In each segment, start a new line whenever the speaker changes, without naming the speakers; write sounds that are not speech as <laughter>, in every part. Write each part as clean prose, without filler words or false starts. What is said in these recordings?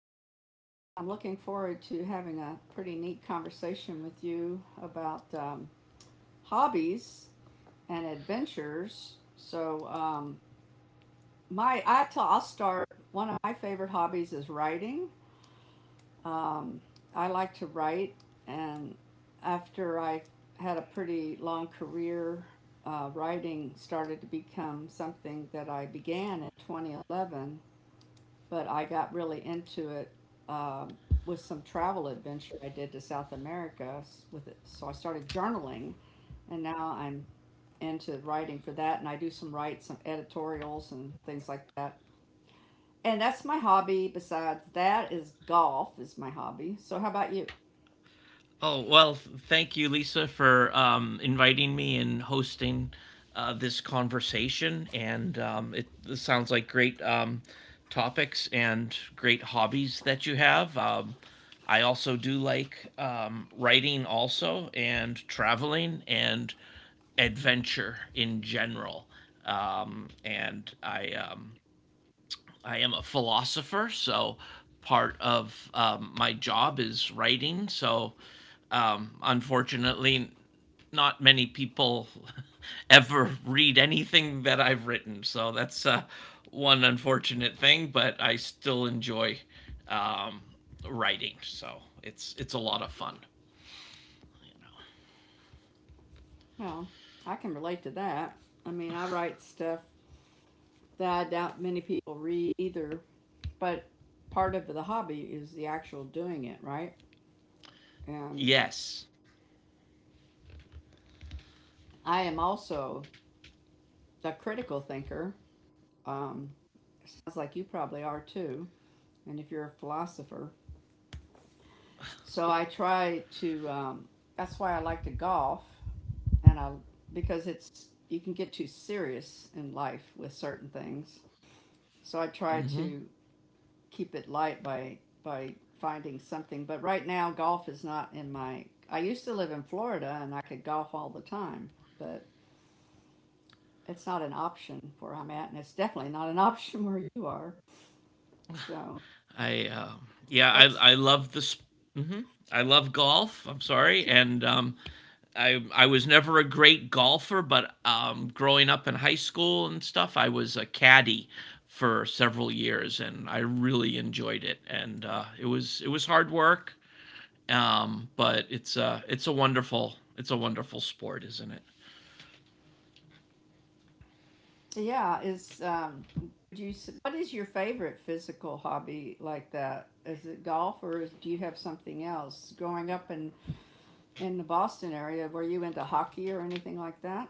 Lisa, and I'm looking forward to having a pretty neat conversation with you about hobbies and adventures. So, I'll start. One of my favorite hobbies is writing. Um, I like to write, and after I had a pretty long career, writing started to become something that I began in 2011 but I got really into it um, with some travel adventure I did to South America with it. So I started journaling, and now I'm into writing for that, and I do some write some editorials and things like that. And that's my hobby. Besides that, is golf is my hobby. So how about you?
Oh, well, thank you, Lisa, for inviting me and hosting this conversation. And this sounds like great topics and great hobbies that you have. I also do like writing, also, and traveling and adventure in general. And I am a philosopher, so part of my job is writing. So, unfortunately, not many people <laughs> ever read anything that I've written. So that's one unfortunate thing, but I still enjoy um, writing. So it's a lot of fun.
Well, I can relate to that. I mean, I write stuff that I doubt many people read either, but part of the hobby is the actual doing it, right? And
Yes.
I am also a critical thinker. Um, sounds like you probably are too, and if you're a philosopher. So I try to, that's why I like to golf, and I, because it's, you can get too serious in life with certain things. So I try to keep it light by finding something. But right now, golf is not in my, I used to live in Florida and I could golf all the time, but it's not an option where I'm at, and it's definitely not an <laughs> option where you are. So,
I yeah,
well,
I love this. hmm I love golf. I'm sorry, and I was never a great golfer, but growing up in high school and stuff, I was a caddy for several years, and I really enjoyed it. And it was hard work, but it's a wonderful sport, isn't it?
yeah, is do you, what is your favorite physical hobby like that? Is it golf or is, do you have something else? Growing up in the Boston area, were you into hockey or anything like that?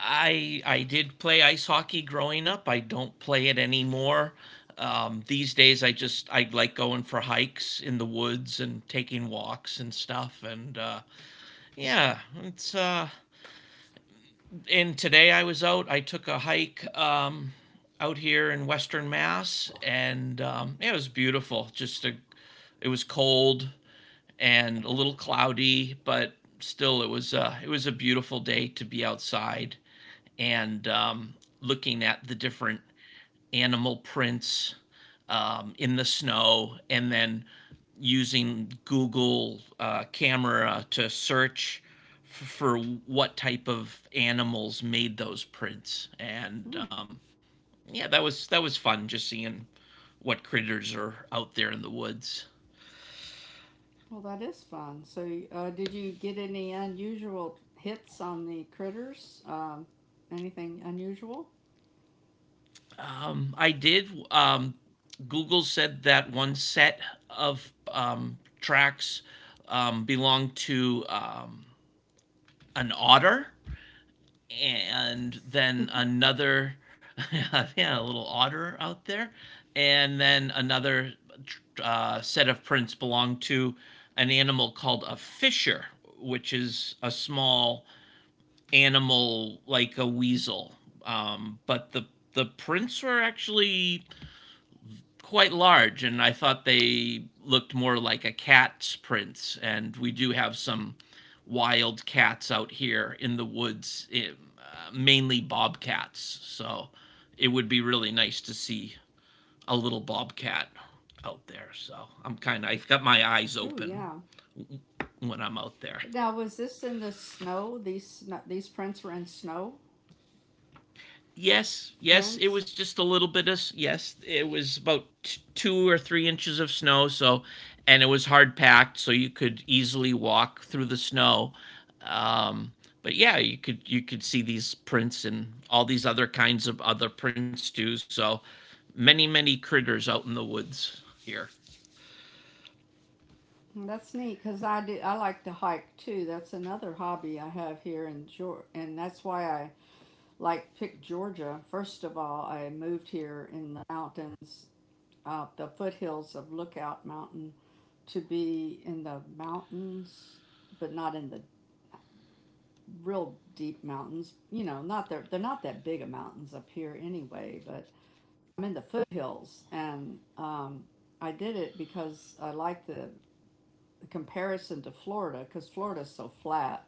I did play ice hockey growing up. I don't play it anymore. These days, I just I like going for hikes in the woods and taking walks and stuff. And yeah, it's. And today I was out. I took a hike out here in Western Mass, and yeah, it was beautiful. It was cold and a little cloudy, but still it was a beautiful day to be outside and looking at the different animal prints in the snow and then using Google camera to search for what type of animals made those prints. And
Hmm.
yeah, that was fun just seeing what critters are out there in the woods.
Well, that is fun. So, did you get any unusual hits on the critters? Anything unusual?
I did. Google said that one set of tracks belonged to an otter and then another <laughs> yeah, a little otter out there, and then another set of prints belong to an animal called a fisher, which is a small animal like a weasel, but the prints were actually quite large, and I thought they looked more like a cat's prints. And we do have some wild cats out here in the woods, mainly bobcats. So it would be really nice to see a little bobcat out there. So I'm kind of I've got my eyes
Oh,
open
yeah.
when I'm out there. <laughs>
Now, was this in the snow? These these prints were in snow.
Yes,
The
yes, it
prints.
was just a little bit of yes, it was about 2 or 3 inches of snow, so and it was hard packed, so you could easily walk through the snow. Um, but yeah, you could see these prints and all these other kinds of other prints too. So many critters out in the woods here.
That's neat because I do. I like to hike too. That's another hobby I have here in Georgia, and that's why I like pick Georgia. First of all, I moved here in the mountains, the foothills of Lookout Mountain, to be in the mountains, but not in the real deep mountains. You know, not they're not that big of mountains up here anyway. But I'm in the foothills, and I did it because I like the comparison to Florida because Florida's so flat.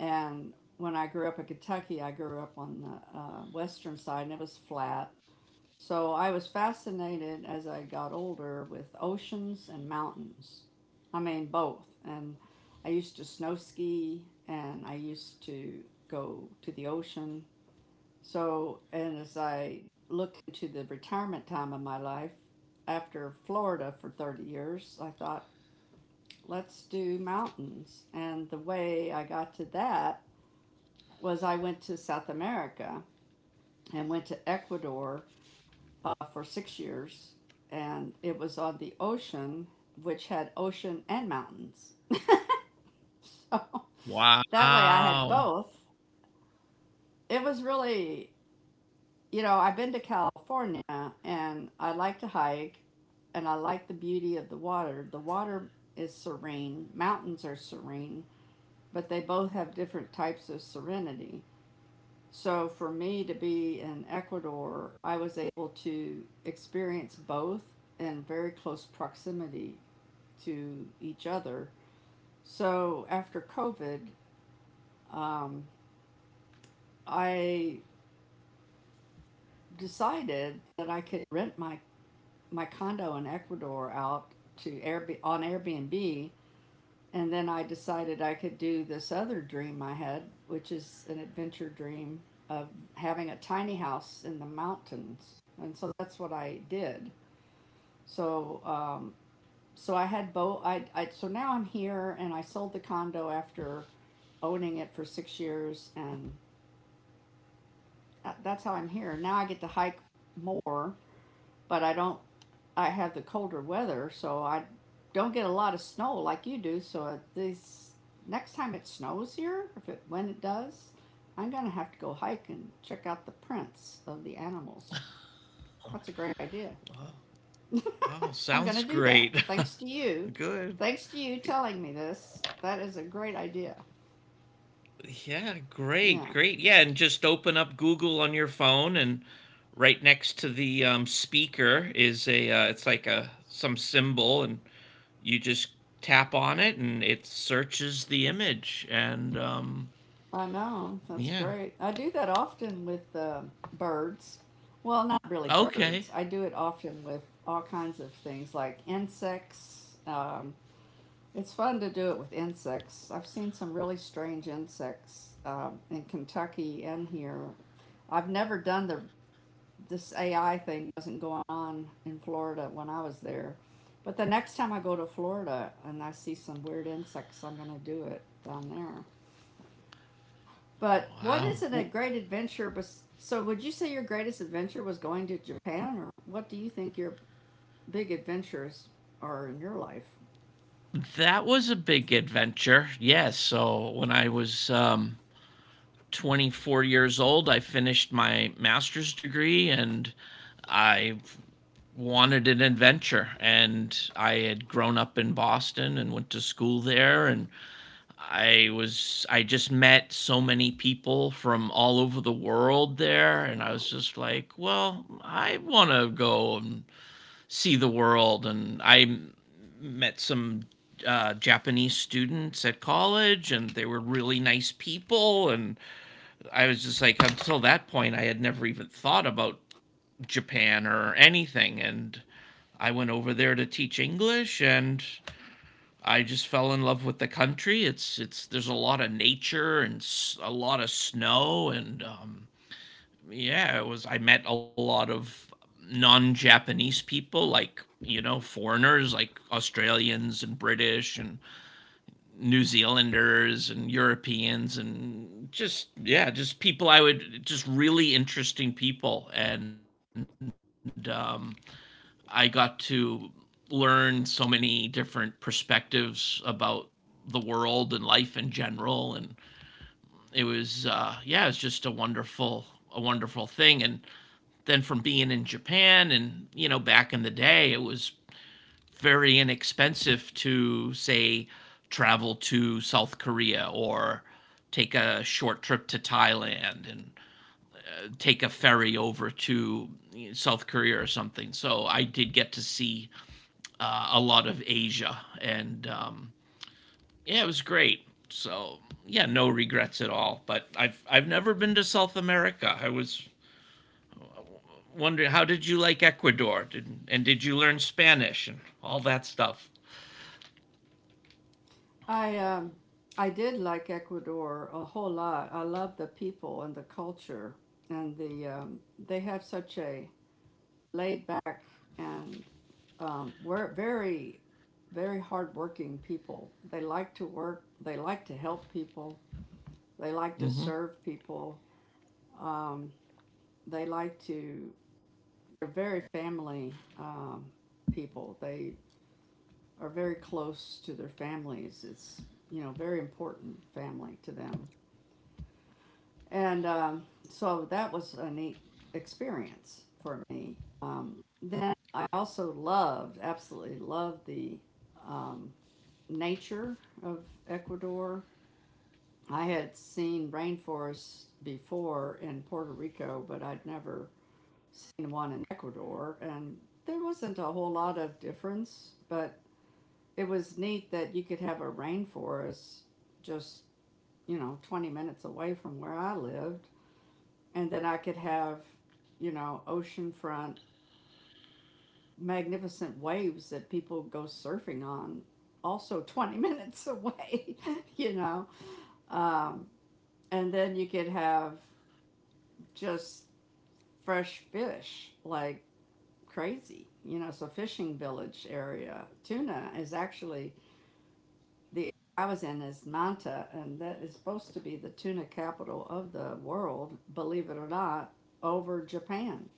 And when I grew up in Kentucky, I grew up on the western side and it was flat. So I was fascinated as I got older with oceans and mountains. I mean, both. And I used to snow ski and I used to go to the ocean. So, and as I look into the retirement time of my life after Florida for 30 years, I thought, let's do mountains. And the way I got to that was I went to South America and went to Ecuador for 6 years. And it was on the ocean, which had ocean and mountains. So <laughs> that way I had
Wow.
both. It was really, you know, I've been to California and I like to hike and I like the beauty of the water. The water is serene, mountains are serene but they both have different types of serenity. So for me to be in Ecuador, I was able to experience both in very close proximity to each other. So after COVID, um, I decided that I could rent my condo in Ecuador out to on Airbnb. And then I decided I could do this other dream I had, which is an adventure dream of having a tiny house in the mountains. And so that's what I did. So, so I had both. I so now I'm here, and I sold the condo after owning it for 6 years, and that's how I'm here. Now I get to hike more but I don't. I have the colder weather, so I don't get a lot of snow like you do. So this next time it snows here, if it when it does, I'm gonna have to go hike and check out the prints of the animals. That's a great idea.
Oh,
I'm
sounds
gonna do that.
great.
Thanks to you.
<laughs> Good.
Thanks to you telling me this. That is a great idea.
Yeah,
Yeah.
great, great. Yeah, and just open up Google on your phone, and right next to the speaker is a it's like a some symbol, and you just tap on it, and it searches the image, and
I know. That's
yeah,
great. I do that often with birds. Well, not really
okay,
birds. I do it often with all kinds of things like insects. It's fun to do it with insects. I've seen some really strange insects in Kentucky and here. I've never done the this AI thing wasn't going on in Florida when I was there. But the next time I go to Florida and I see some weird insects, I'm going to do it down there. But what
wow,
is it a
W-
great adventure? So, would you say your greatest adventure was going to Japan, or what do you think your big adventures are in your life?
that was a big adventure. Yes, so when I was 24 years old, I finished my master's degree, and I wanted an adventure, and I had grown up in Boston and went to school there, and I was I just met so many people from all over the world there, and I was just like, well, I want to go and see the world. And I met some Japanese students at college, and they were really nice people. And I was just like, until that point, I had never even thought about Japan or anything. And I went over there to teach English, and I just fell in love with the country. There's a lot of nature and a lot of snow. And yeah, it was, I met a lot of non Japanese people, like, you know, foreigners like Australians and British and New Zealanders and Europeans and just, yeah, just just really interesting people. And I got to learn so many different perspectives about the world and life in general. And it was yeah, it was just a wonderful thing. And then from being in Japan, and you know, back in the day it was very inexpensive to, say, travel to South Korea or take a short trip to Thailand and take a ferry over to South Korea or something. So I did get to see a lot of Asia, and yeah, it was great. So yeah, no regrets at all. But I've never been to South America. I was wondering, how did you like Ecuador, and did you learn Spanish and all that stuff?
I um, I did like Ecuador a whole lot. I love the people and the culture, and the they have such a laid back and we're very very hardworking people. They like to work. They like to help people. They like to serve people. Um, They like to, they're very family people. They are very close to their families. It's, you know, very important family to them. And so that was a neat experience for me. Um, then I also loved, absolutely loved the um, nature of Ecuador. I had seen rainforests before in Puerto Rico, but I'd never seen one in Ecuador, and there wasn't a whole lot of difference, but it was neat that you could have a rainforest just, you know, 20 minutes away from where I lived. And then I could have, you know, oceanfront, magnificent waves that people go surfing on, also <laughs> 20 minutes away, <laughs> you know. Um, and then you could have just fresh fish, like crazy. You know, so fishing village area tuna is actually the area I was in is Manta, and that is supposed to be the tuna capital of the world. Believe it or not, over Japan,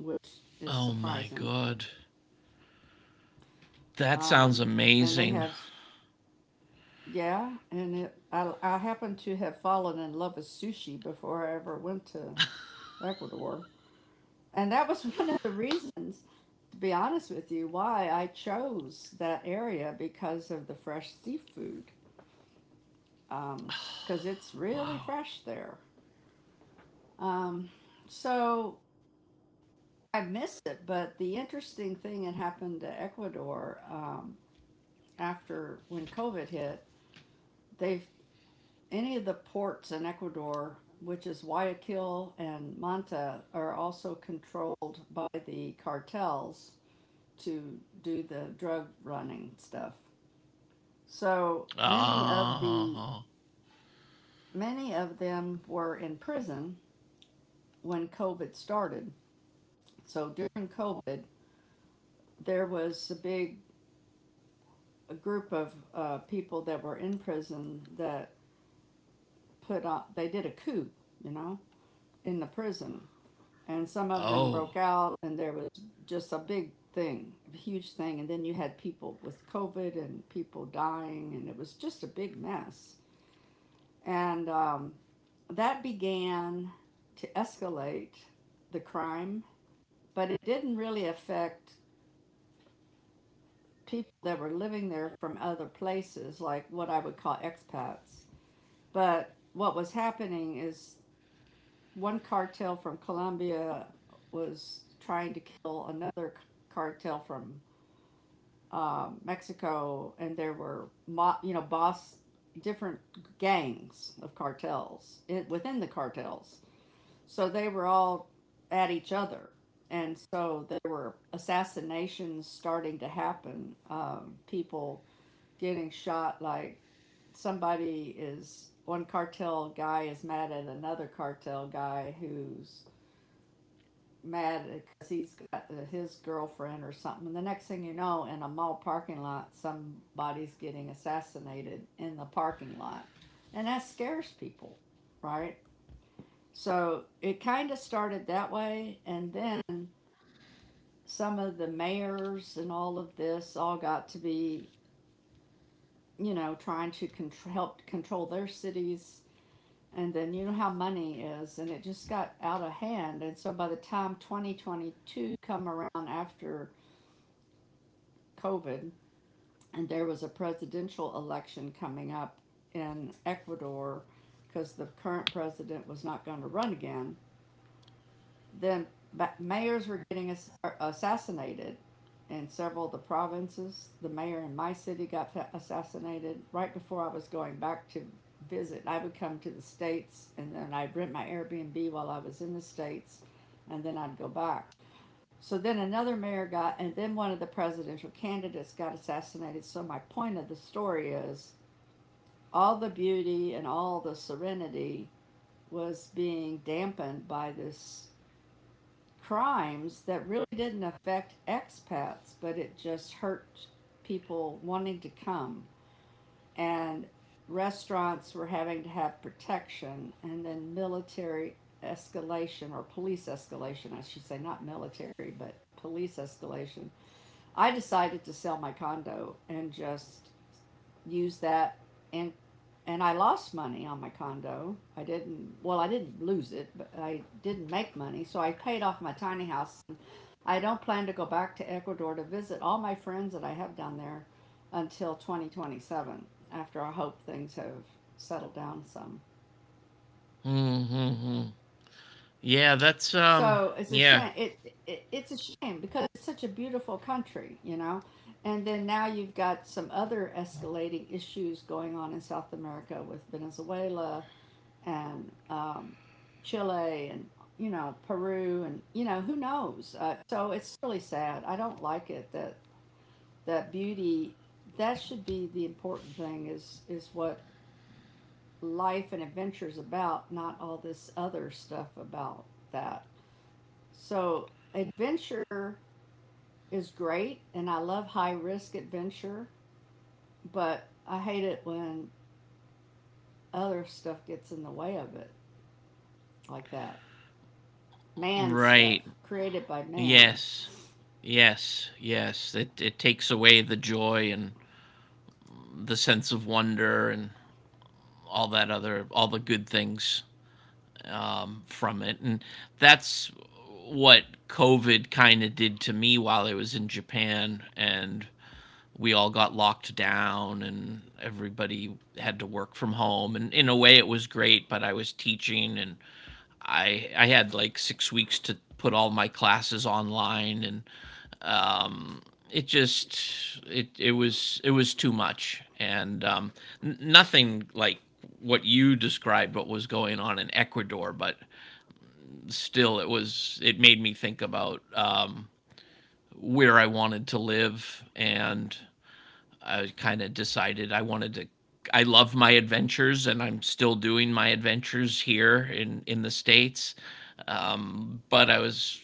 which is
Oh my
surprising.
god, that sounds
Um, and they
amazing.
have yeah, and it, I happened to have fallen in love with sushi before I ever went to Ecuador, and that was <laughs> one of the reasons to be honest with you, why I chose that area because of the fresh seafood, um, because it's really fresh there. Um, so I miss it, but the interesting thing that happened to Ecuador after when COVID hit, they've any of the ports in Ecuador, which is Guayaquil and Manta, are also controlled by the cartels to do the drug running stuff. So many of the
Oh,
many of them were in prison when COVID started. So during COVID, there was a big a group of people that were in prison that put on. They did a coup, you know, in the prison, and some of them
oh,
broke out, and there was just a big thing, a huge thing. And then you had people with COVID and people dying, and it was just a big mess. And that began to escalate the crime, but it didn't really affect people that were living there from other places, like what I would call expats. But what was happening is one cartel from Colombia was trying to kill another cartel from Mexico, and there were you know boss different gangs of cartels in, within the cartels. So they were all at each other. And so there were assassinations starting to happen, people getting shot. Like somebody is, one cartel guy is mad at another cartel guy who's mad because he's got his girlfriend or something. And the next thing you know, in a mall parking lot, somebody's getting assassinated in the parking lot. And that scares people, right? So it kind of started that way, and then some of the mayors and all of this all got to be, you know, trying to contr help control their cities. And then you know how money is, and it just got out of hand. And so by the time 2022 come around after COVID, and there was a presidential election coming up in Ecuador because the current president was not going to run again. Then mayors were getting assassinated in several of the provinces. The mayor in my city got assassinated right before I was going back to visit. I would come to the States and then I'd rent my Airbnb while I was in the States and then I'd go back. So then another mayor got, and then one of the presidential candidates got assassinated. So my point of the story is all the beauty and all the serenity was being dampened by this crimes that really didn't affect expats, but it just hurt people wanting to come. And restaurants were having to have protection, and then military escalation or police escalation, I should say, not military, but police escalation. I decided to sell my condo and just use that and and I lost money on my condo. I didn't, well, I didn't lose it, but I didn't make money, so I paid off my tiny house. I don't plan to go back to Ecuador to visit all my friends that I have down there until 2027, after I hope things have settled down some.
mm-hmm. yeah, that's um,
So it's a
yeah,
shame. It's a shame because it's such a beautiful country, you know. And then now you've got some other escalating issues going on in South America with Venezuela and Chile and, you know, Peru and, you know, who knows. So it's really sad. I don't like it that that beauty that should be the important thing is what life and adventure is about, not all this other stuff about that. So adventure is great, and I love high risk adventure, but I hate it when other stuff gets in the way of it, like that man stuff,
right,
created by man.
yes. Yes, yes, it takes away the joy and the sense of wonder and all that other all the good things from it. And that's what COVID kind of did to me while I was in Japan. And we all got locked down and everybody had to work from home, and in a way it was great, but I was teaching, and I had like 6 weeks to put all my classes online, and it just it was too much. And nothing like what you described what was going on in Ecuador, but still it was, it made me think about where I wanted to live, and I kind of decided I wanted to. I love my adventures, and I'm still doing my adventures here in the states. But I was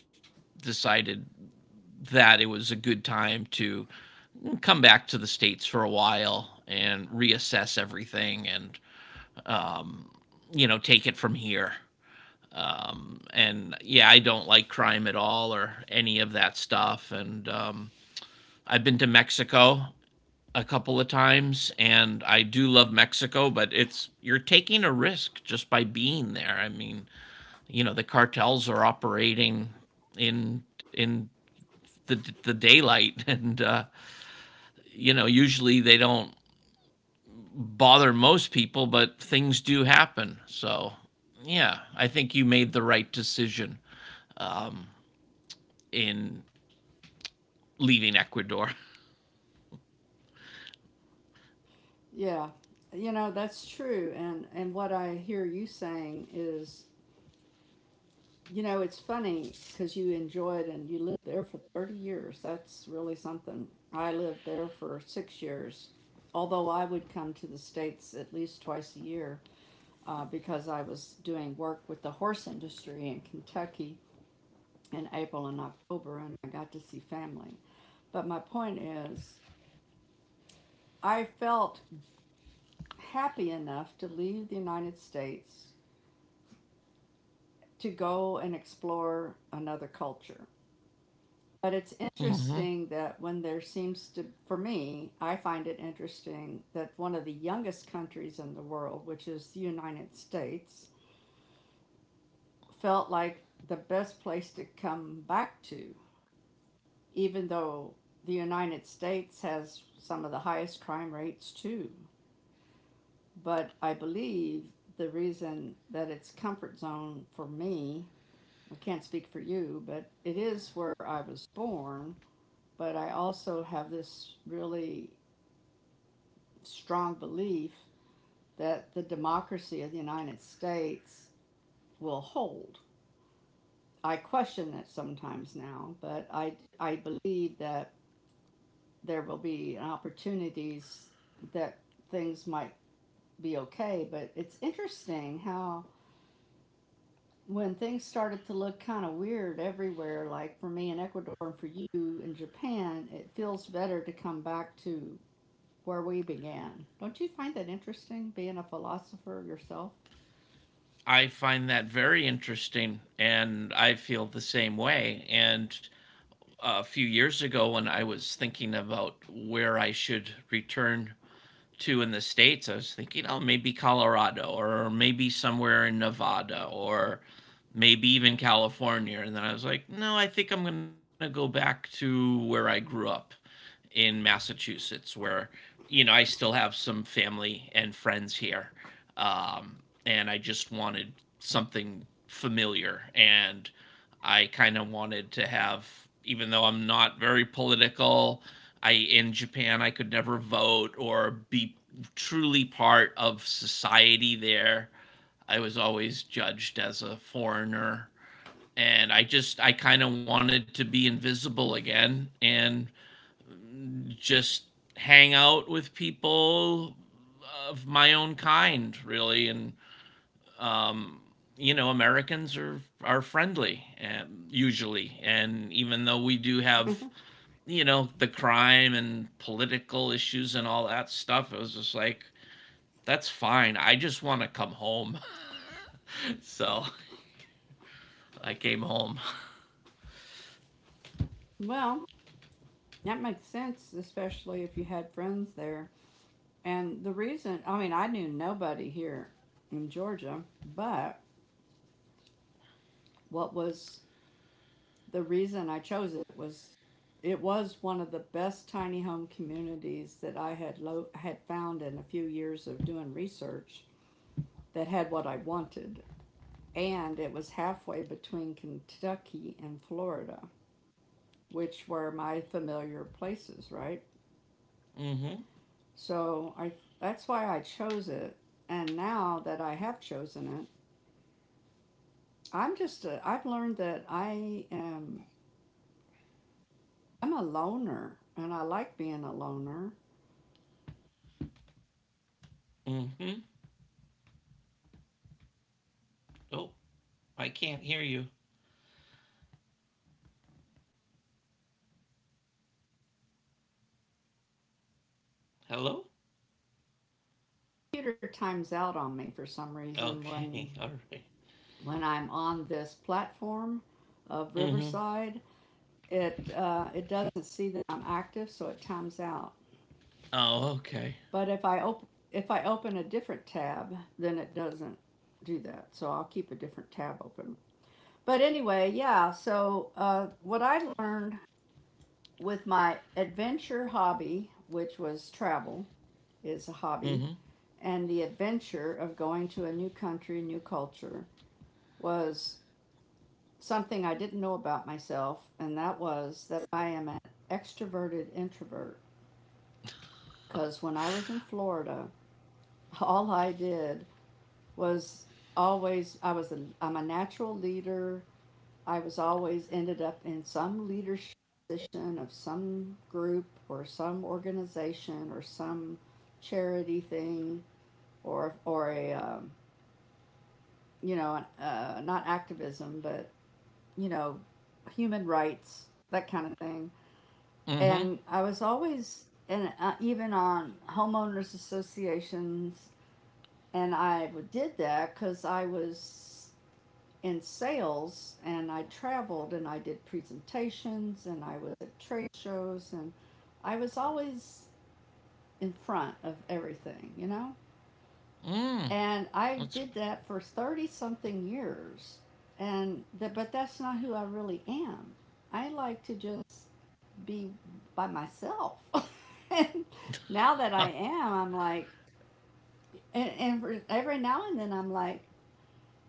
decided That it was a good time to come back to the states for a while and reassess everything, and you know, take it from here. And yeah, I don't like crime at all, or any of that stuff. And I've been to Mexico a couple of times, and I do love Mexico, but it's, you're taking a risk just by being there. I mean, you know, the cartels are operating in the daylight, <laughs> and you know, usually they don't bother most people, but things do happen. So, yeah, I think you made the right decision in leaving Ecuador.
Yeah, you know that's true, and what I hear you saying is, you know, it's funny because you enjoyed and you lived there for 30 years. That's really something. I lived there for 6 years, although I would come to the States at least twice a year, because I was doing work with the horse industry in Kentucky in April and October, and I got to see family. But my point is, I felt happy enough to leave the United States to go and explore another culture. But it's
Mm-hmm.
interesting that when there seems to, for me, I find it interesting that one of the youngest countries in the world, which is the United States, felt like the best place to come back to, even though the United States has some of the highest crime rates too. But I believe the reason that it's comfort zone for me, I can't speak for you, but it is where I was born. But I also have this really strong belief that the democracy of the United States will hold. I question that sometimes now, I believe that there will be opportunities that things might be okay. But it's interesting how when things started to look kind of weird everywhere, like for me in Ecuador and for you in Japan, it feels better to come back to where we began. Don't you find that interesting, being a philosopher yourself?
I find that very interesting, and I feel the same way. And a few years ago, when I was thinking about where I should return to in the states, I was thinking, oh, maybe Colorado or maybe somewhere in Nevada, or maybe even California. And then I was like, no, I think I'm gonna go back to where I grew up, in Massachusetts, where you know, I still have some family and friends here, um, and I just wanted something familiar. And I kind of wanted to have, even though I'm not very political, I in Japan I could never vote or be truly part of society there. I was always judged as a foreigner, and I kind of wanted to be invisible again, and just hang out with people of my own kind, really. And um, you know, Americans are friendly, usually, and even though we do have, you know, the crime and political issues and all that stuff, it was just like, that's fine. I just want to come home, <laughs> so I came home.
Well, that makes sense, especially if you had friends there. And the reason, I mean, I knew nobody here in Georgia, but what was the reason I chose it was one of the best tiny home communities that I had had found in a few years of doing research, that had what I wanted, and it was halfway between Kentucky and Florida, which were my familiar places, right?
Mm-hmm.
So I, that's why I chose it, and now that I have chosen it, I'm just I've learned that I'm a loner and I like being a loner.
Mm-hmm. Oh, I can't hear you. Hello.
Computer times out on me for some reason when
Okay. <laughs> All right.
when I'm on this platform of
Mm-hmm.
Riverside. It it doesn't see that I'm active, so it times out.
Oh, okay.
But if I open a different tab, then it doesn't do that. So I'll keep a different tab open. But anyway, yeah. So what I learned with my adventure hobby, which was travel, is a hobby,
Mm-hmm.
and the adventure of going to a new country, new culture, was something I didn't know about myself, and that was that I am an extroverted introvert. Because when I was in Florida, <laughs> all I did was, always I was a I'm a natural leader. I was always ended up in some leadership position of some group or some organization or some charity thing or a you know, not activism but, you know, human rights, that kind of thing.
Mm-hmm.
And I was always, and even on homeowners associations, and I did that because I was in sales and I traveled and I did presentations and I was at trade shows and I was always in front of everything, you know?
Mm.
And I
Let's.
did that for 30 something years. And that, but that's not who I really am. I like to just be by myself. <laughs> And now that I
<laughs>
am, I'm like, every now and then I'm like,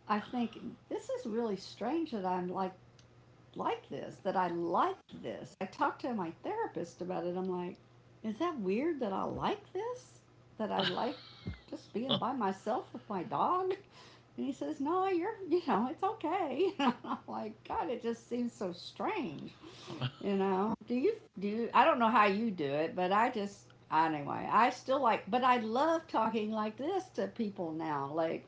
I think this is really strange that I'm like this, that I like this. I talked to my therapist about it. I'm like, is that weird that I like this? That I like just being by myself with my dog? And he says, no, you're, you know, it's okay. <laughs> And I'm like, God, it just seems so strange. You know, do you, I don't know how you do it, but I just, anyway, I still like, but I love talking like this to people now. Like,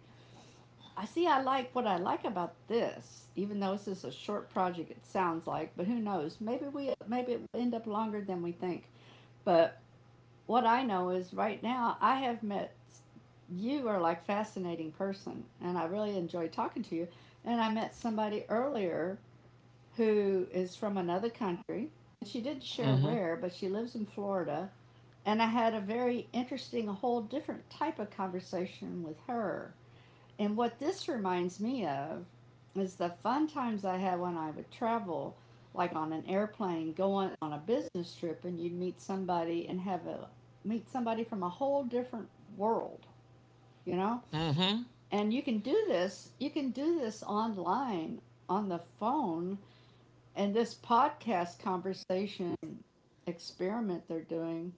I see, I like what I like about this, even though this is a short project, it sounds like, but who knows? Maybe it will end up longer than we think. But what I know is right now I have met, you are like a fascinating person and I really enjoy talking to you. And I met somebody earlier who is from another country. She didn't share
Mm-hmm.
where, but she lives in Florida. And I had a very interesting, a whole different type of conversation with her. And what this reminds me of is the fun times I had when I would travel, like on an airplane, go on a business trip, and you'd meet somebody and have a meet somebody from a whole different world, you know?
Mm-hmm.
And you can do this, you can do this online, on the phone, and this podcast conversation experiment they're doing,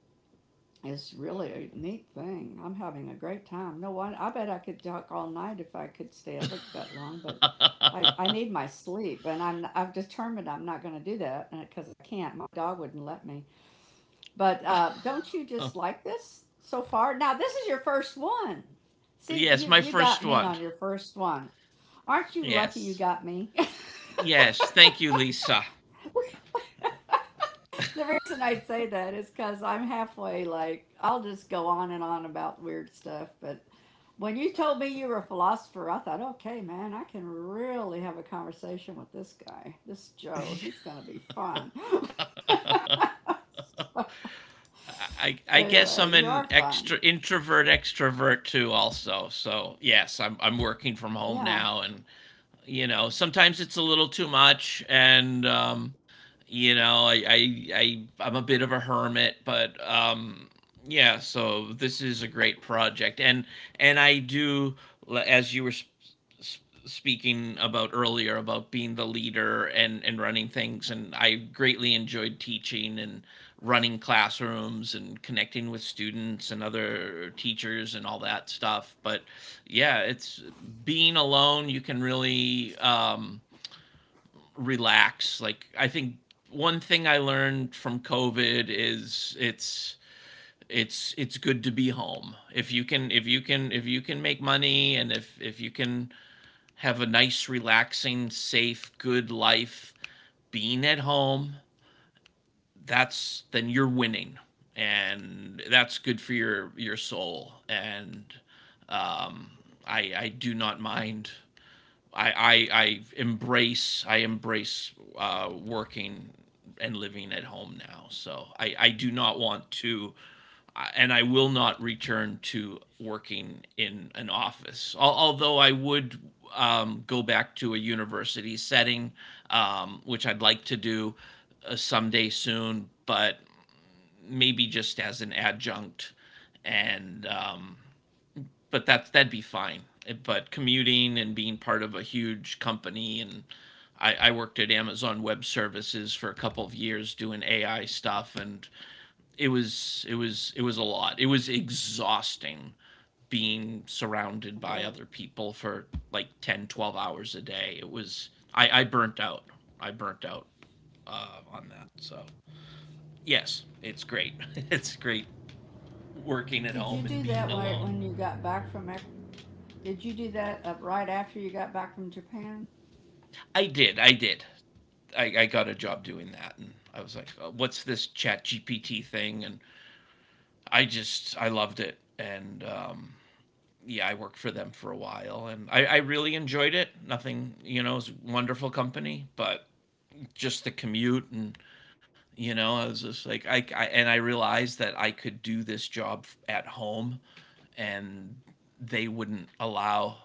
it's really a neat thing. I'm having a great time. No one, I bet I could talk all night if I could stay awake that long, but I need my sleep, and I've determined I'm not going to do that because I can't. My dog wouldn't let me. But don't you just
<laughs>
like this so far? Now this is your first one. See,
Yes, my
you
first
got me
one.
on your first one. Aren't you lucky you
Yes.
got me?
Yes. Thank you, Lisa.
The reason I say that is because I'm halfway like I'll just go on and on about weird stuff. But when you told me you were a philosopher, I thought, okay, man, I can really have a conversation with this guy, this Joe. He's
<laughs>
gonna be fun.
I guess I'm
Anyway,
an
you are
extra
fun.
introvert extrovert too also. So yes, I'm working from home
Yeah,
now, and you know, sometimes it's a little too much. And you know, I'm a bit of a hermit, but yeah, so this is a great project. And I do as you were speaking about earlier, about being the leader and running things, and I greatly enjoyed teaching and running classrooms and connecting with students and other teachers and all that stuff. But yeah, it's being alone, you can really relax. Like I think one thing I learned from COVID is it's good to be home. If you can make money, and if you can have a nice, relaxing, safe, good life being at home, that's then you're winning, and that's good for your soul. And um I do not mind I embrace, working and living at home now. So I do not want to, and I will not return to working in an office. Although I would go back to a university setting, which I'd like to do someday soon, but maybe just as an adjunct. And but that'd be fine. But commuting and being part of a huge company and I worked at Amazon Web Services for a couple of years doing AI stuff and it was a lot. It was exhausting being surrounded
I
by
bet.
other people for like 10, 12 hours a day. It was I burnt out. I burnt out on that. So, yes, it's great. <laughs> It's great working at
Did you
home and
do
being
that when
alone.
when you got back from? Did you do that right after you got back from Japan?
I did. I did. I got a job doing that, and I was like, what's this ChatGPT thing?" And I just, I loved it, and yeah, I worked for them for a while, and I really enjoyed it. Nothing, it was a wonderful company, but just the commute, and I was just like, I and I realized that I could do this job at home, and they wouldn't allow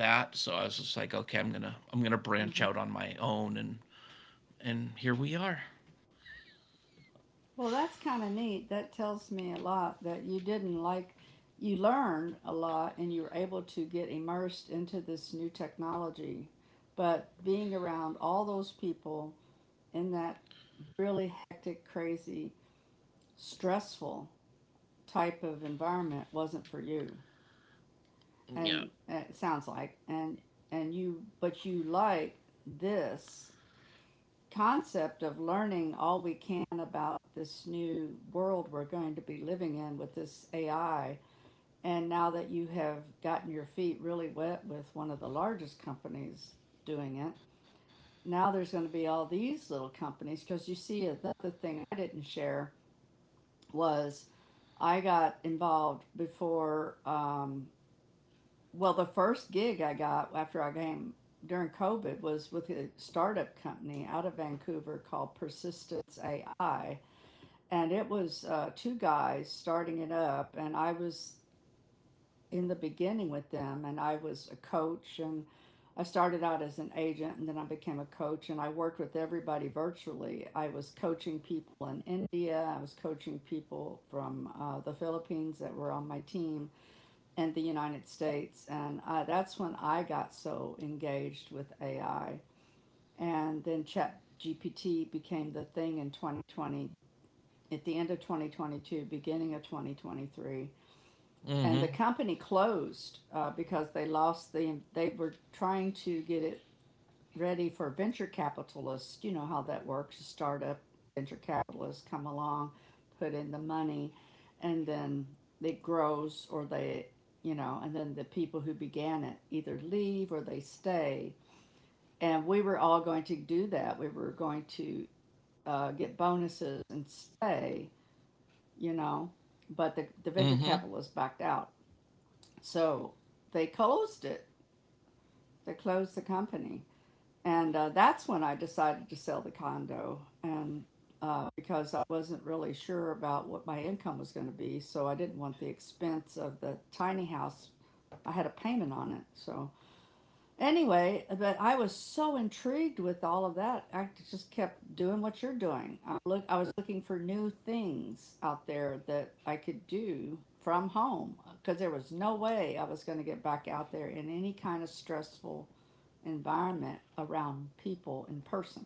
that. So I was just like, okay, I'm gonna branch
Mm-hmm.
out on my own And here we are.
Well, that's kind of neat. That tells me a lot that you didn't like, you learned a lot and you were able to get immersed into this new technology. But being around all those people in that really hectic, crazy, stressful type of environment wasn't for you.
Yeah.
And it sounds like, but you like this concept of learning all we can about this new world we're going to be living in with this AI. And now that you have gotten your feet really wet with one of the largest companies doing it, now there's going to be all these little companies. Because you see, the other thing I didn't share was I got involved before well, the first gig I got after I came during COVID was with a startup company out of Vancouver called Persistence AI. And it was two guys starting it up. And I was in the beginning with them, and I was a coach. And I started out as an agent, and then I became a coach. And I worked with everybody virtually. I was coaching people in India, I was coaching people from the Philippines that were on my team and the United States. And that's when I got so engaged with AI. And then Chat GPT became the thing in 2020, at the end of 2022, beginning of 2023. And the
Mm-hmm.
company closed because they lost the, they were trying to get it ready for venture capitalists. You know how that works. A startup, venture capitalists come along, put in the money, and then it grows or they, you know, and then the people who began it either leave or they stay. And we were all going to do that. We were going to get bonuses and stay, you know, but the venture
Mm-hmm.
capitalists backed out. So they closed it, they closed the company. And that's when I decided to sell the condo, and because I wasn't really sure about what my income was going to be, so I didn't want the expense of the tiny house. I had a payment on it, so anyway, but I was so intrigued with all of that. I just kept doing what you're doing. I was looking for new things out there that I could do from home because there was no way I was going to get back out there in any kind of stressful environment around people in person.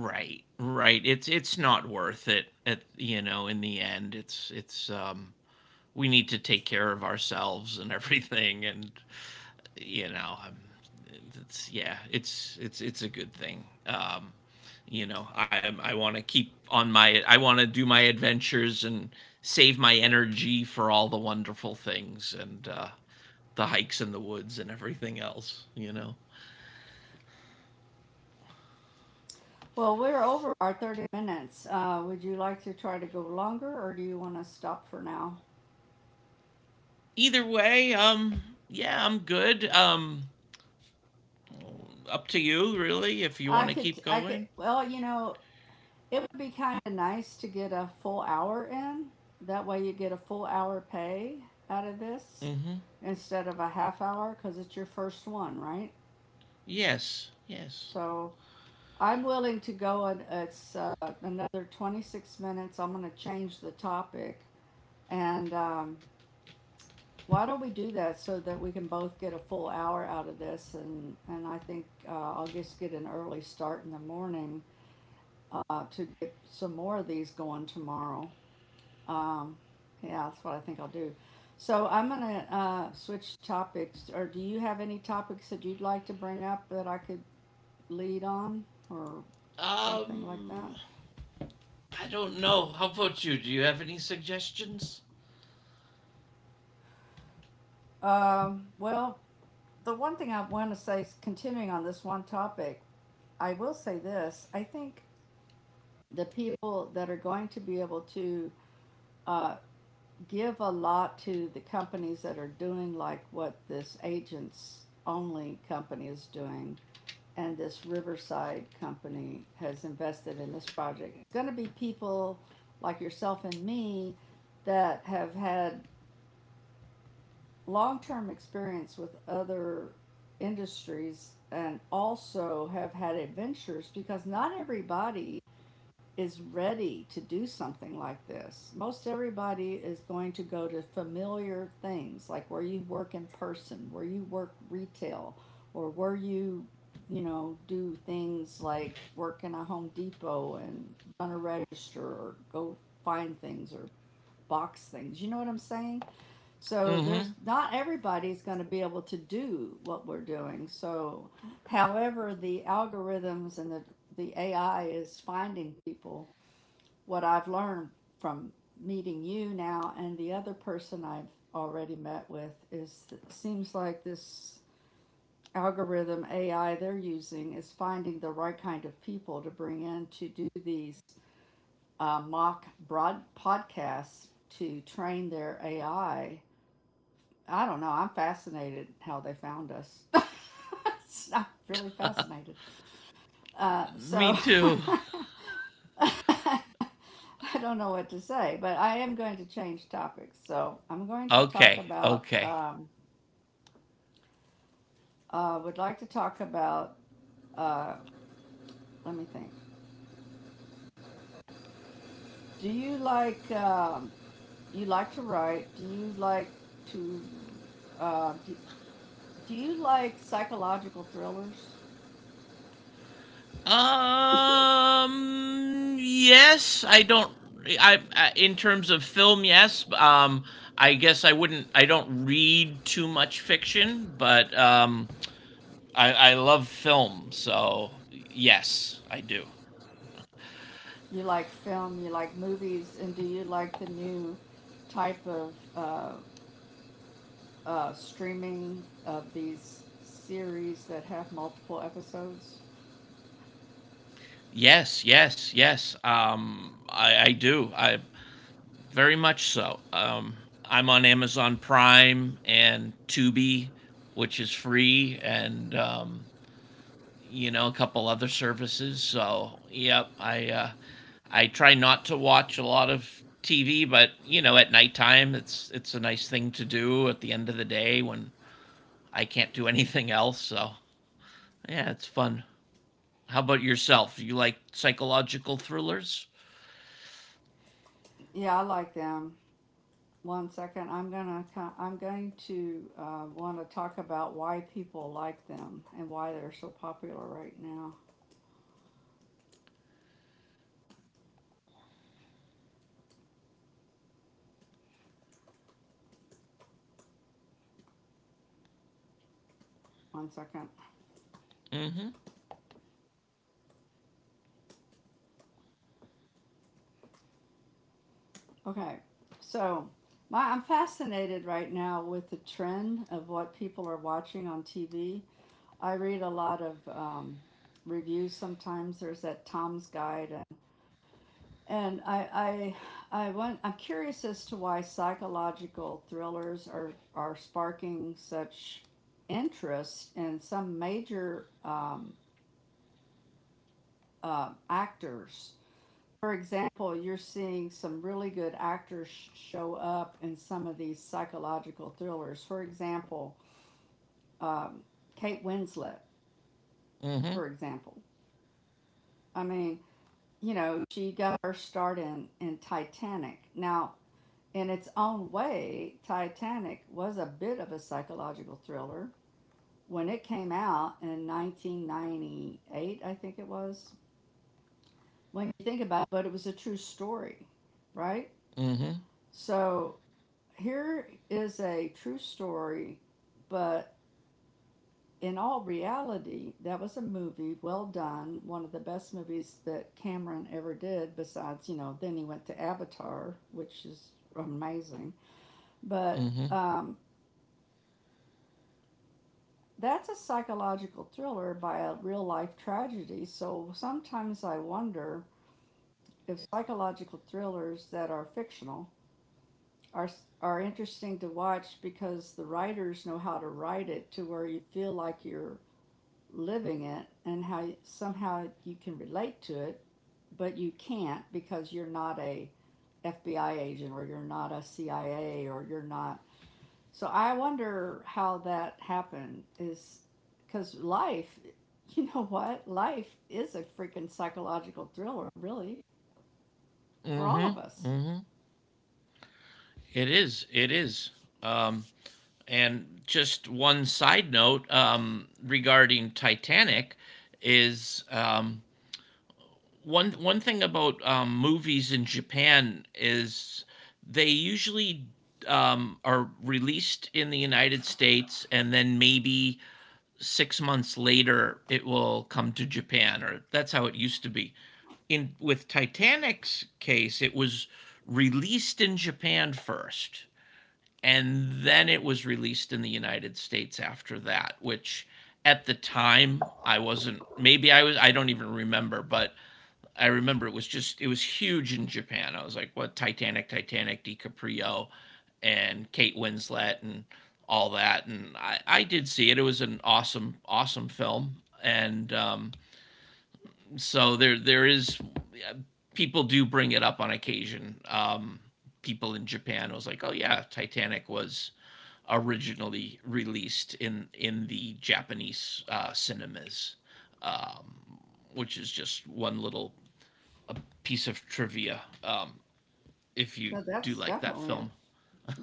Right. Right. It's not worth it. In the end, it's we need to take care of ourselves and <laughs> everything, and you know, I'm it's, yeah, it's a good thing. I want to do my adventures and save my energy for all the wonderful things and the hikes in the woods and everything else. You know.
Well, we're over our 30 minutes. Would you like to try to go longer or do you want to stop for now?
Either way, yeah, I'm good. Up to you, really, if you want to keep going.
You know, it would be kind of nice to get a full hour in. That way you get a full hour pay out of this
Mm-hmm.
instead of a half hour because it's your first one, right?
Yes, yes.
So I'm willing to go, and it's another 26 minutes. I'm going to change the topic. And Why don't we do that so that we can both get a full hour out of this? And I think I'll just get an early start in the morning to get some more of these going tomorrow. Um, yeah, that's what I think I'll do. So I'm gonna switch topics. Or do you have any topics that you'd like to bring up that I could lead on, or something like that?
Um, I don't know. How about you? Do you have any suggestions?
Well, the one thing I want to say is, continuing on this one topic, I will say this: I think the people that are going to be able to uh, give a lot to the companies that are doing like what this agents only company is doing and this Riverside company has invested in this project, it's going to be people like yourself and me that have had long term experience with other industries and also have had adventures, because not everybody is ready to do something like this. Most everybody is going to go to familiar things, like where you work in person, where you work retail, or where you know, do things like work in a Home Depot and run a register or go find things or box things. You know what I'm saying? So
Mm-hmm.
there's not everybody's going to be able to do what we're doing. So however the algorithms and the AI is finding people, what I've learned from meeting you now and the other person I've already met with is it seems like this algorithm AI they're using is finding the right kind of people to bring in to do these mock broad podcasts to train their AI. I don't know. I'm fascinated how they found us. <laughs> I'm really fascinated. Uh,
Me
so
too.
<laughs> <laughs> I don't know what to say, but I am going to change topics. So I'm going to talk
Okay,
about,
okay.
would like to talk about, uh, let me think. Do you like to write? Do you like to, uh, do, do you like psychological thrillers?
Yes, I don't. I In terms of film, yes. I guess I wouldn't. I don't read too much fiction, but I love film, so yes, I do.
You like film, you like movies, and do you like the new type of streaming of these series that have multiple episodes?
Yes, yes, yes. I do. I very much so. I'm on Amazon Prime and Tubi, which is free, and a couple other services. So, yep, I try not to watch a lot of TV, but at nighttime it's a nice thing to do at the end of the day when I can't do <laughs> anything else. So, yeah, it's fun. How about yourself? You like psychological thrillers?
Yeah, I like them. One second, I'm going to want to talk about why people like them and why they're so popular right now. One second.
Mm-hmm.
Okay, so my I'm fascinated right now with the trend of what people are watching on TV. I read a lot of reviews sometimes. There's that Tom's Guide and I'm curious as to why psychological thrillers are sparking such interest in some major actors. For example, you're seeing some really good actors show up in some of these psychological thrillers. For example, um, Kate Winslet,
Mm-hmm.
for example. I mean, you know, she got her start in Titanic. Now, in its own way, Titanic was a bit of a psychological thriller. When it came out in 1998, I think it was, when you think about it, but it was a true story, right?
Mm-hmm.
So here is a true story, but in all reality, that was a movie well done, one of the best movies that Cameron ever did, besides, you know, then he went to Avatar, which is amazing. But
Mm-hmm.
That's a psychological thriller by a real life tragedy, so sometimes I wonder if psychological thrillers that are fictional are are interesting to watch because the writers know how to write it to where you feel like you're living it and how somehow you can relate to it, but you can't because you're not a FBI agent or you're not a CIA or you're not, so I wonder how that happened is because life, <laughs> you know what? Life is a freaking psychological thriller, really, for all
Mm-hmm.
of us.
Mm-hmm. It is. It is. Um, and just one side note, regarding Titanic is, one thing about movies in Japan is, they usually, are released in the United States, and then maybe 6 months later it will come to Japan, or that's how it used to be. In With Titanic's case, it was released in Japan first, and then it was released in the United States after that, which, at the time, I wasn't, maybe I was, I don't even remember, but I remember it was just, it was huge in Japan. I was like, what, Titanic, Titanic, DiCaprio and Kate Winslet and all that. And I did see it. It was an awesome, awesome film. And so there is, people do bring it up on occasion. People in Japan was like, "Oh yeah, Titanic was originally released in the Japanese cinemas," which is just one little piece of trivia. If you
So
do
that's
like that
definitely it.
film.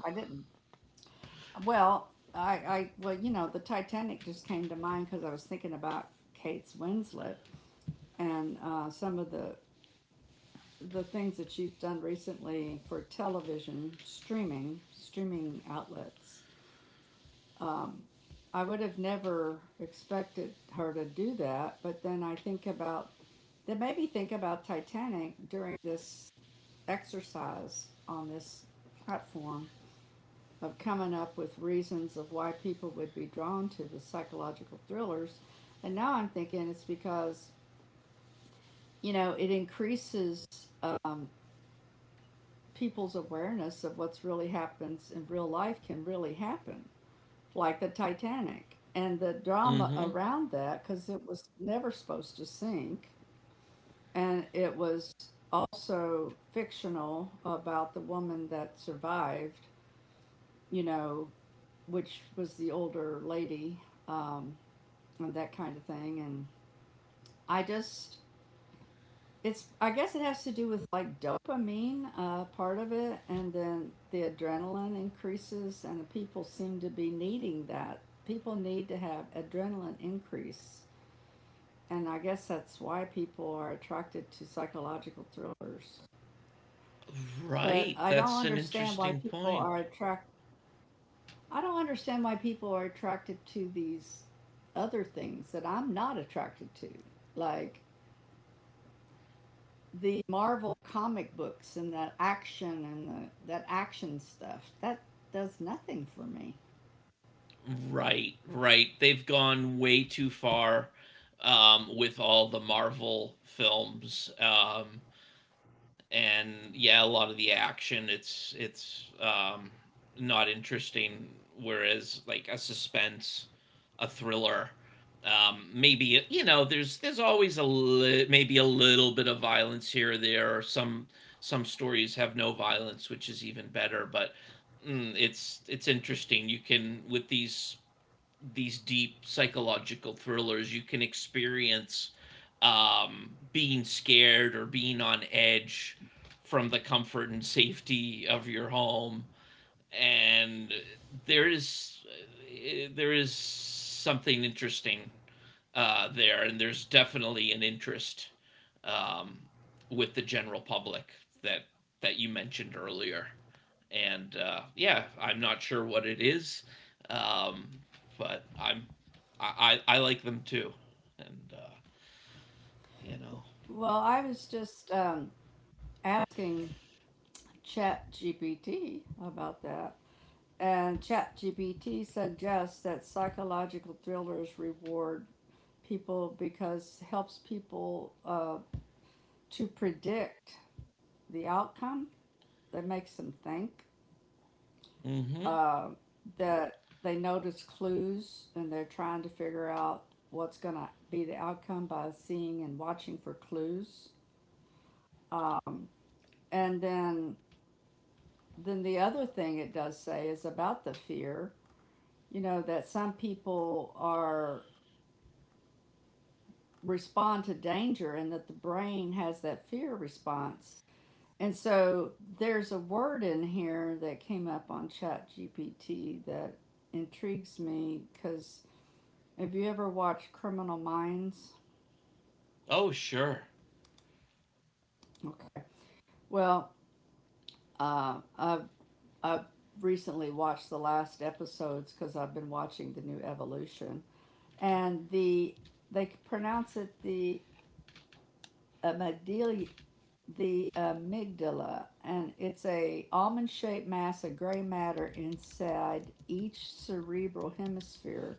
I didn't. Well, you know, the Titanic just came to mind because I was thinking about Kate Winslet and some of the things that she's done recently for television streaming, streaming outlets. Um, I would have never expected her to do that, but then I think about that made me think about Titanic during this exercise on this platform of coming up with reasons of why people would be drawn to the psychological thrillers. And now I'm thinking it's because, you know, it increases um, people's awareness of what's really happens in real life can really happen, like the Titanic and the drama
Mm-hmm.
around that, because it was never supposed to sink and it was also fictional about the woman that survived, you know, which was the older lady um, and that kind of thing. I just, it's, I guess it has to do with like dopamine, part of it, and then the adrenaline increases and the people seem to be needing that. People need to have adrenaline increase, and I guess that's why people are attracted to psychological thrillers. But
Right? That's an interesting point.
I don't understand why people are attracted to these other things that I'm not attracted to. Like the Marvel comic books and that action and that action stuff. That does nothing for me.
Right, right. They've gone way too far with all the Marvel films. And yeah, a lot of the action, it's not interesting. Whereas, like a suspense, a thriller, maybe, there's always maybe a little bit of violence here or there. Or some stories have no violence, which is even better. But it's interesting. You can, with these deep psychological thrillers, you can experience being scared or being on edge from the comfort and safety of your home. And there is there is something interesting there, and there's definitely an interest um, with the general public that that you mentioned earlier. And yeah, I'm not sure what it is, um, but I'm I like them too, and you know.
Well, I was just asking Chat GPT about that. And ChatGPT suggests that psychological thrillers reward people because it helps people to predict the outcome. That makes them think
Mm-hmm.
uh, that they notice clues and they're trying to figure out what's going to be the outcome by seeing and watching for clues. Um, and then the other thing it does say is about the fear, you know, that some people are respond to danger and that the brain has that fear response. And so there's a word in here that came up on Chat GPT that intrigues me because have you ever watched Criminal Minds?
Oh sure.
Okay. Well, uh, I've, I've recently watched the last episodes because I've been watching the new evolution. And the they pronounce it the amygdala, the amygdala, and it's a almond shaped mass of gray matter inside each cerebral hemisphere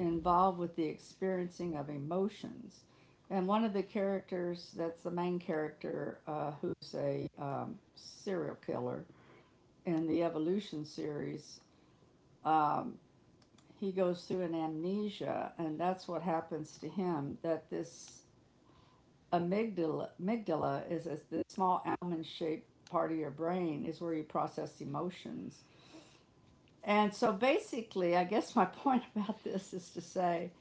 involved with the experiencing of emotions. And one of the characters that's the main character who's a serial killer in the evolution series, um, he goes through an amnesia and that's what happens to him, that this amygdala is the small almond shaped part of your brain is where you process emotions. And so basically I guess my <laughs> point about this is to say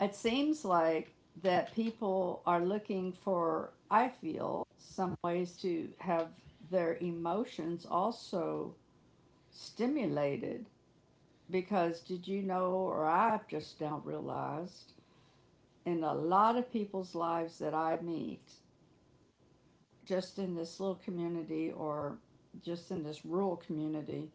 it seems like that people are looking for I feel some ways to have their emotions also stimulated, because did you know or I've just now realized in a lot of people's lives that I meet just in this little community or just in this rural community,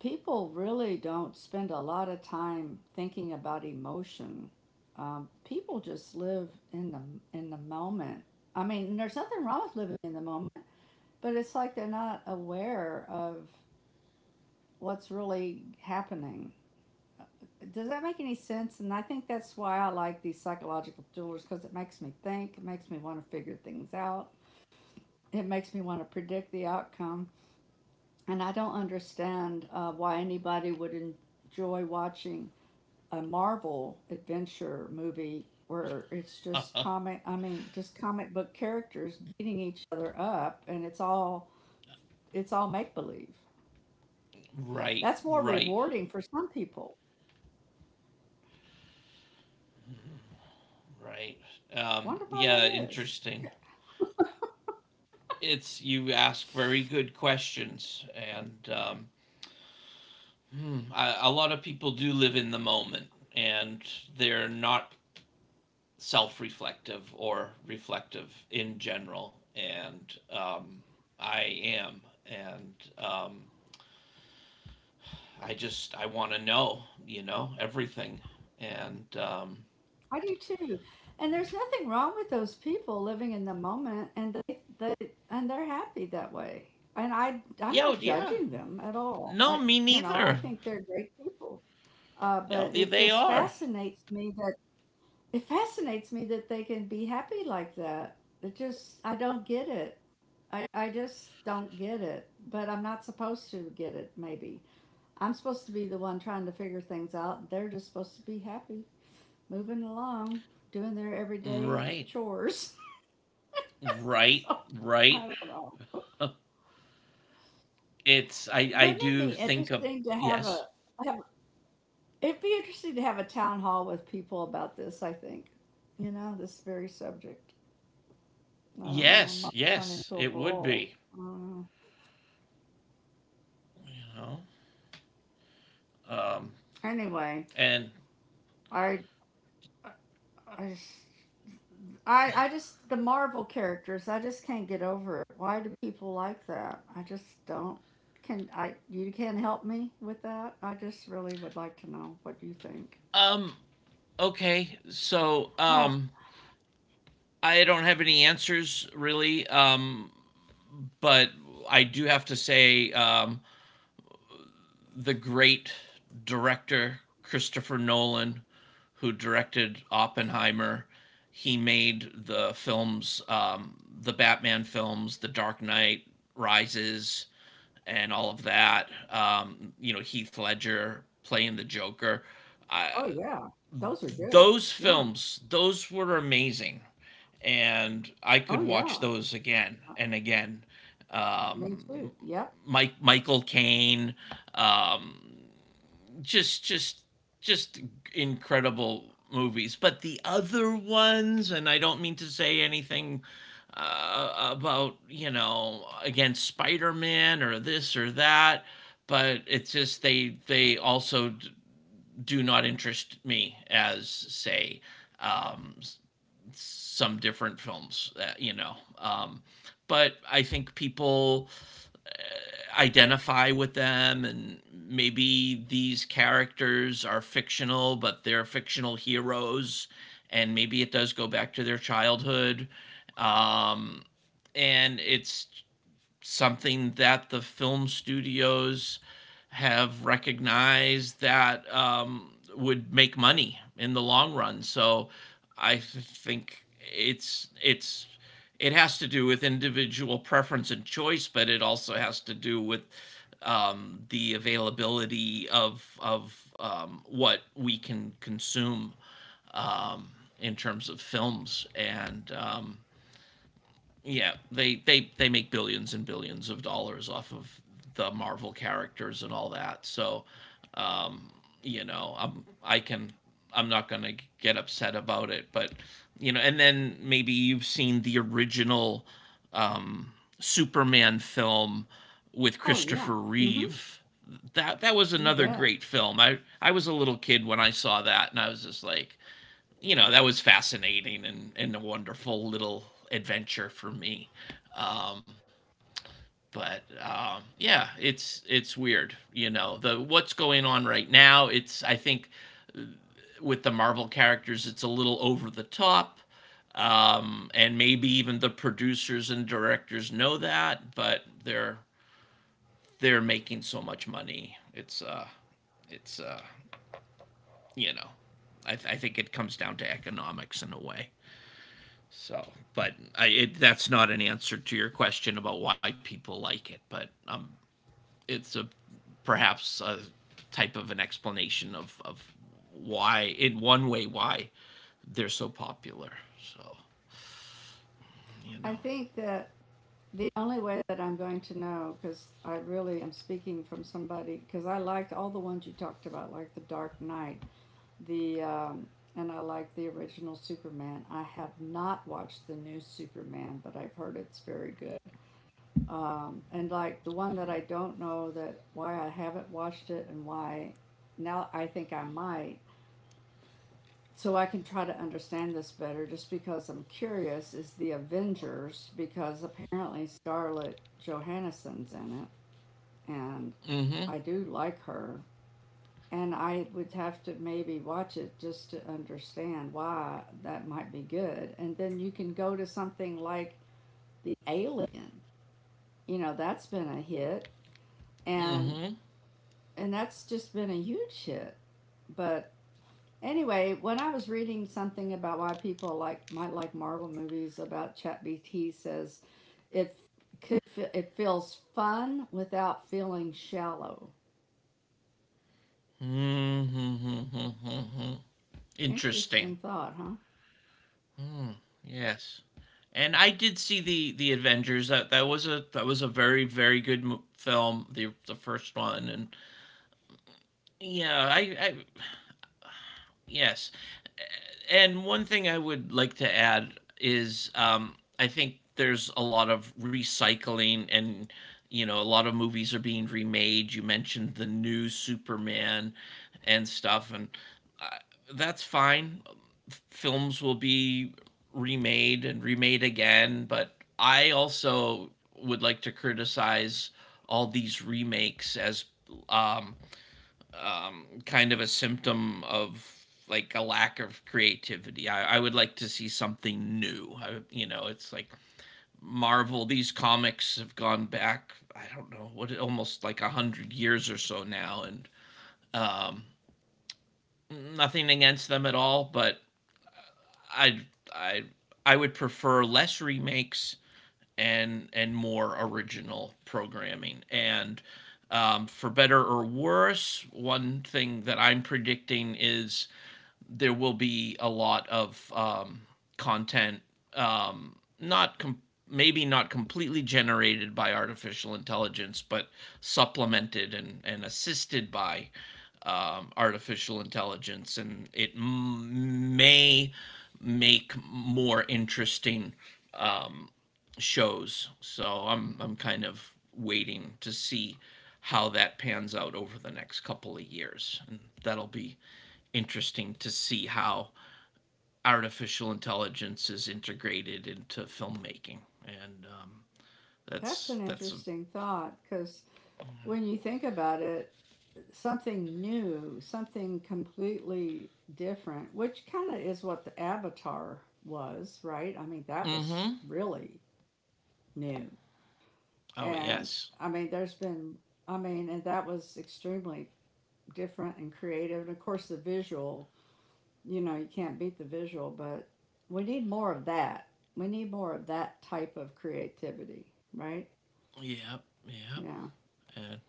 people really don't spend a lot of time thinking about emotion. People just live in the moment. I mean, there's nothing wrong with living in the moment, but it's like they're not aware of what's really happening. Does that make any sense? And I think that's why I like these psychological thrillers, because it makes me think, it makes me want to figure things out, it makes me want to predict the outcome. And I don't understand why anybody would enjoy watching a Marvel adventure movie where it's just comic I mean just comic book characters beating each other up, and it's all make believe.
<laughs> Right,
That's more
right,
rewarding for some people.
right.
Wonder why that
Yeah,
is.
interesting. It's You ask very good questions, and hmm. A lot of people do live in the moment, and they're not self reflective or reflective in general. And I am. And I just, I want to know, everything. And
I do too. And there's nothing wrong with those people living in the moment and they and they're happy that way. And I I'm
yeah. Oh,
not
yeah.
judging them at all. I,
No, me
you know, I
neither.
think they're great people.
No,
But
they, they are.
it fascinates me that they can be happy like that. It just I don't get it. I just don't get it. But I'm not supposed to get it, maybe. I'm supposed to be the one trying to figure things out. They're just supposed to be happy, moving along, doing their everyday
Right,
chores. <laughs>
right,
So
right.
I don't know.
<laughs> I
Wouldn't it
do
be
think of,
interesting to have
yes,
a have, it'd be interesting to have a town hall with people about this, I think. You know, this very subject. I don't know. It
yes,
might turn
yes,
into a
it would
brawl.
be,
I don't know.
you know. Um,
Anyway,
and
I, I, I, just- I just the Marvel characters. I just can't get over it. Why do people like that? I just don't. Can I? You can't help me with that. I just really would like to know what you think.
um, okay, so,
I,
I don't have any answers, really, but I do have to say, the great director Christopher Nolan, who directed Oppenheimer, he made the films, the Batman films, The Dark Knight Rises, and all of that. Heath Ledger playing the Joker. I,
oh yeah, those are good.
those
Yeah.
films, those were amazing, and I could
Oh
watch
yeah,
those again and again.
me too.
Um,
Yep.
Mike, Michael Caine, um, just just just incredible movies. But the other ones, and I don't mean to say anything about, against Spider Man or this or that, but it's just they also do not interest me as, say, um, some different films that, but I think people identify with them, and maybe these characters are fictional, but they're fictional heroes, and maybe it does go back to their childhood, um, and it's something that the film studios have recognized that, would make money in the long run. So I think it has to do with individual preference and choice, but it also has to do with, the availability of what we can consume, um, in terms of films, and yeah, they make billions and billions of dollars off of the Marvel characters and all that. So, um, I'm I can I'm not gonna get upset about it, but, and then maybe you've seen the original um, Superman film with
Oh yeah.
Christopher
Mhm.
Reeve. That was
You
another
bet.
great film. I was a little kid when I saw that, and I was just like, you know that was fascinating, and a wonderful little adventure for me. Um, but yeah, it's weird, you know. The What's going on right now? It's I think, with the Marvel characters, it's a little over the top, and maybe even the producers and directors know that, but they're making so much money. It's you know, I think it comes down to economics in a way. So, but that's not an answer to your question about why people like it, but it's a perhaps a type of an explanation of, why, in one way, why they're so popular. So, you know.
I think that the only way that I'm going to know, because I really am speaking from somebody, because I liked all the ones you talked about, like The Dark Knight, the and I like the original Superman. I have not watched the new Superman, but I've heard it's very good. And like the one that I don't know that why I haven't watched it and why now I think I might, so I can try to understand this better just because I'm curious is the Avengers, because apparently Scarlett Johansson's in it, and
Mm-hmm.
I do like her, and I would have to maybe watch it just to understand why that might be good. And then you can go to something like The Alien. You know, that's been a hit, and
Mm-hmm.
and that's just been a huge hit. But anyway, when I was reading something about why people like might like Marvel movies, about ChatBT says it could it feels fun without feeling shallow.
Mm-hmm. Mm-hmm. Mm-hmm. Interesting.
Interesting thought, huh?
Hmm. Yes. And I did see the Avengers. That was a, very very good film. The first one, and yeah, I yes. And one thing I would like to add is, I think there's a lot of recycling, and a lot of movies are being remade. You mentioned the new Superman and stuff, and that's fine. Films will be remade and remade again, but I also would like to criticize all these remakes as, um, kind of a symptom of, like, a lack of creativity. I would like to see something new. It's like Marvel. These comics have gone back, I don't know what, almost like 100 years or so now, and um, nothing against them at all. But I I I would prefer less remakes and more original programming. And. For better or worse, one thing that I'm predicting is, there will be a lot of content, not maybe not completely generated by artificial intelligence, but supplemented and, assisted by artificial intelligence, and it may make more interesting, um, shows. So I'm kind of waiting to see how that pans out over the next couple of years, and that'll be interesting to see how artificial intelligence is integrated into filmmaking. And
That's an
that's a.
interesting thought, because when you think about it, something new, something completely different, which kind of is what the Avatar was, right? I mean, that was
Mm-hmm.
really new.
Oh
And
yes.
I mean, there's been, I mean, and that was extremely different and creative. And of course, the visual, you know, you can't beat the visual, but we need more of that. We need more of that type of creativity, right?
Yep, yep.
Yeah.
And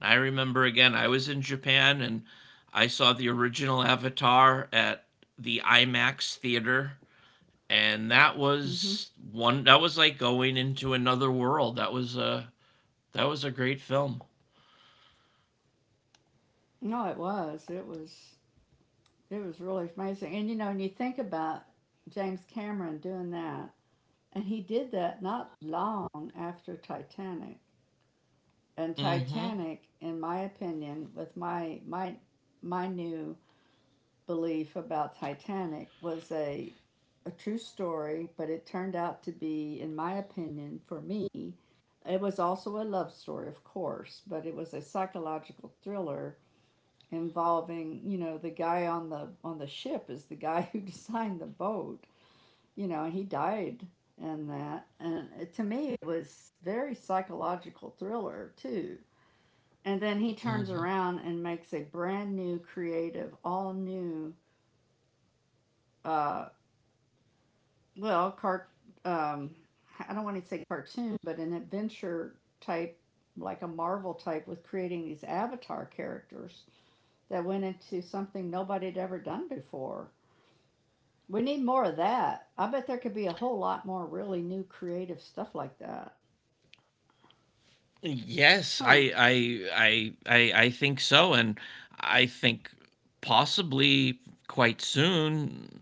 I remember, again, I was in Japan, and I saw the original Avatar at the IMAX theater, and that
Hmm.
was one that was like going into another world. That was a, great film.
No, it was. It was. It was really amazing. And you know, when you think about James Cameron doing that, and he did that not long after Titanic. And
Mm-hmm,
Titanic, in my opinion, with my my new belief about Titanic, was a true story, but it turned out to be, in my opinion, for me, it was also a love story, of course, but it was a psychological thriller involving, you know, the guy on the ship is the guy who <laughs> designed the boat, you know, and he died in that. And to me, it was very psychological thriller too. And then he turns
mm-hmm.
around and makes a brand new, creative, all new, uh, well, cart. Um, I don't want to say cartoon, but an adventure type, like a Marvel type, with creating these avatar characters that went into something nobody had ever done before. We need more of that. I bet there could be a whole lot more really new creative stuff like that.
Yes, I,
Huh.
I i i i think so. And I think, possibly quite soon,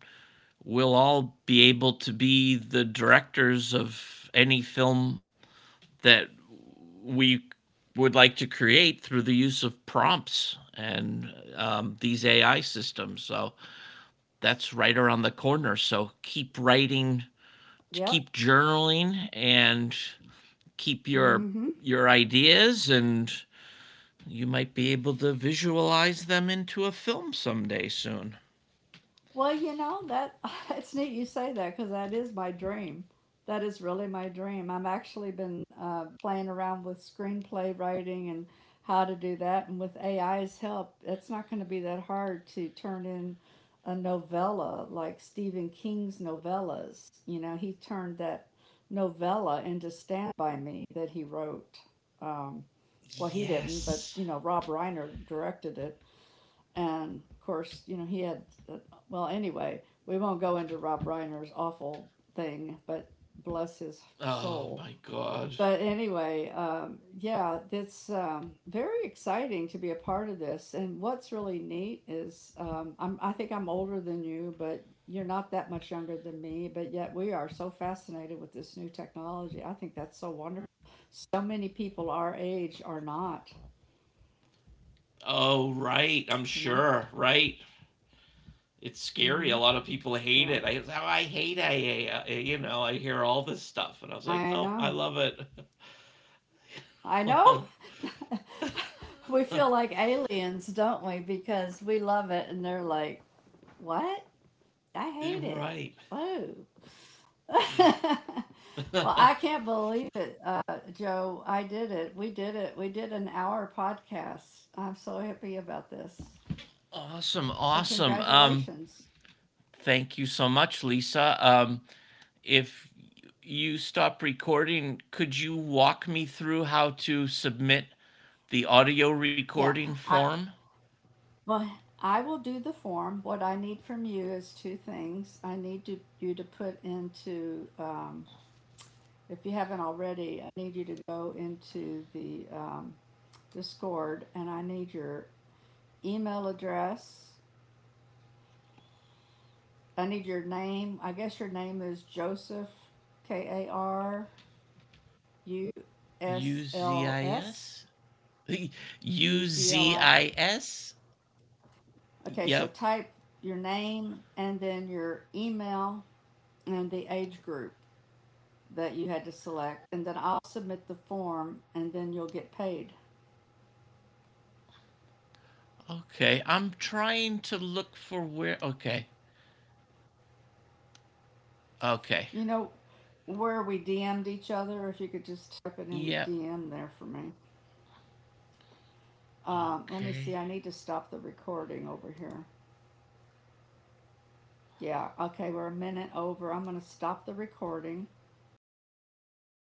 we'll all be able to be the directors of any film that we would like to create through the use of prompts and, these AI systems. So that's right around the corner. So keep writing, to
Yep.
keep journaling, and keep your
Mm hmm.
your ideas, and you might be able to visualize them into a film someday soon.
Well, you know that <laughs> it's neat you say that, because that is my dream. That is really my dream. I've actually been playing around with screenplay writing and how to do that, and with AI's help, it's not going to be that hard to turn in a novella like Stephen King's novellas. You know, he turned that novella into Stand by Me that he wrote. Um, well, he didn't, but
Yes.
you know, Rob Reiner directed it, and of course, you know, he uh, well, anyway, we won't go into Rob Reiner's awful thing, but bless his
Oh
soul.
my god.
But anyway, yeah, it's very exciting to be a part of this. And what's really neat is I think I'm older than you, but you're not that much younger than me, but yet we are so fascinated with this new technology. I think that's so wonderful. So many people our age are not,
Oh, right, I'm
you know?
sure. Right. It's scary.
Mm-hmm.
A lot of people hate
So
it. I hate I A. I hear all this stuff, and I was like,
I
"No, I
know.
love it."
I know.
<laughs>
<laughs> We feel like aliens, don't we? Because we love it and they're like, what? I
You're
hate it.
right.
Whoa. <laughs> Well, I can't believe it, Joe. I did it. We did it. We did an hour podcast. I'm so happy about this.
Awesome,
So,
awesome.
congratulations.
Thank you so much, Lisa. If you stop recording, could you walk me through how to submit the audio
Yeah.
recording
I
form?
well, I will do the form. What I need from you is two things. I need to, you to put into if you haven't already, I need you to go into the Discord, and I need your email address. I need your name. I guess your name is Joseph K A R U S L S
UZIS?
U Z L I.
UZIS? <laughs>
Okay, so
Yep.
type your name and then your email and the age group that you had to select, and then I'll submit the form and then you'll get paid.
Okay. I'm trying to look for where. Okay. Okay.
You know where we DM'd each other? If you could just type it
Yep.
in DM there for me. Let
Okay.
me see. I need to stop the recording over here. Yeah. Okay. We're a minute over. I'm going to stop the recording and.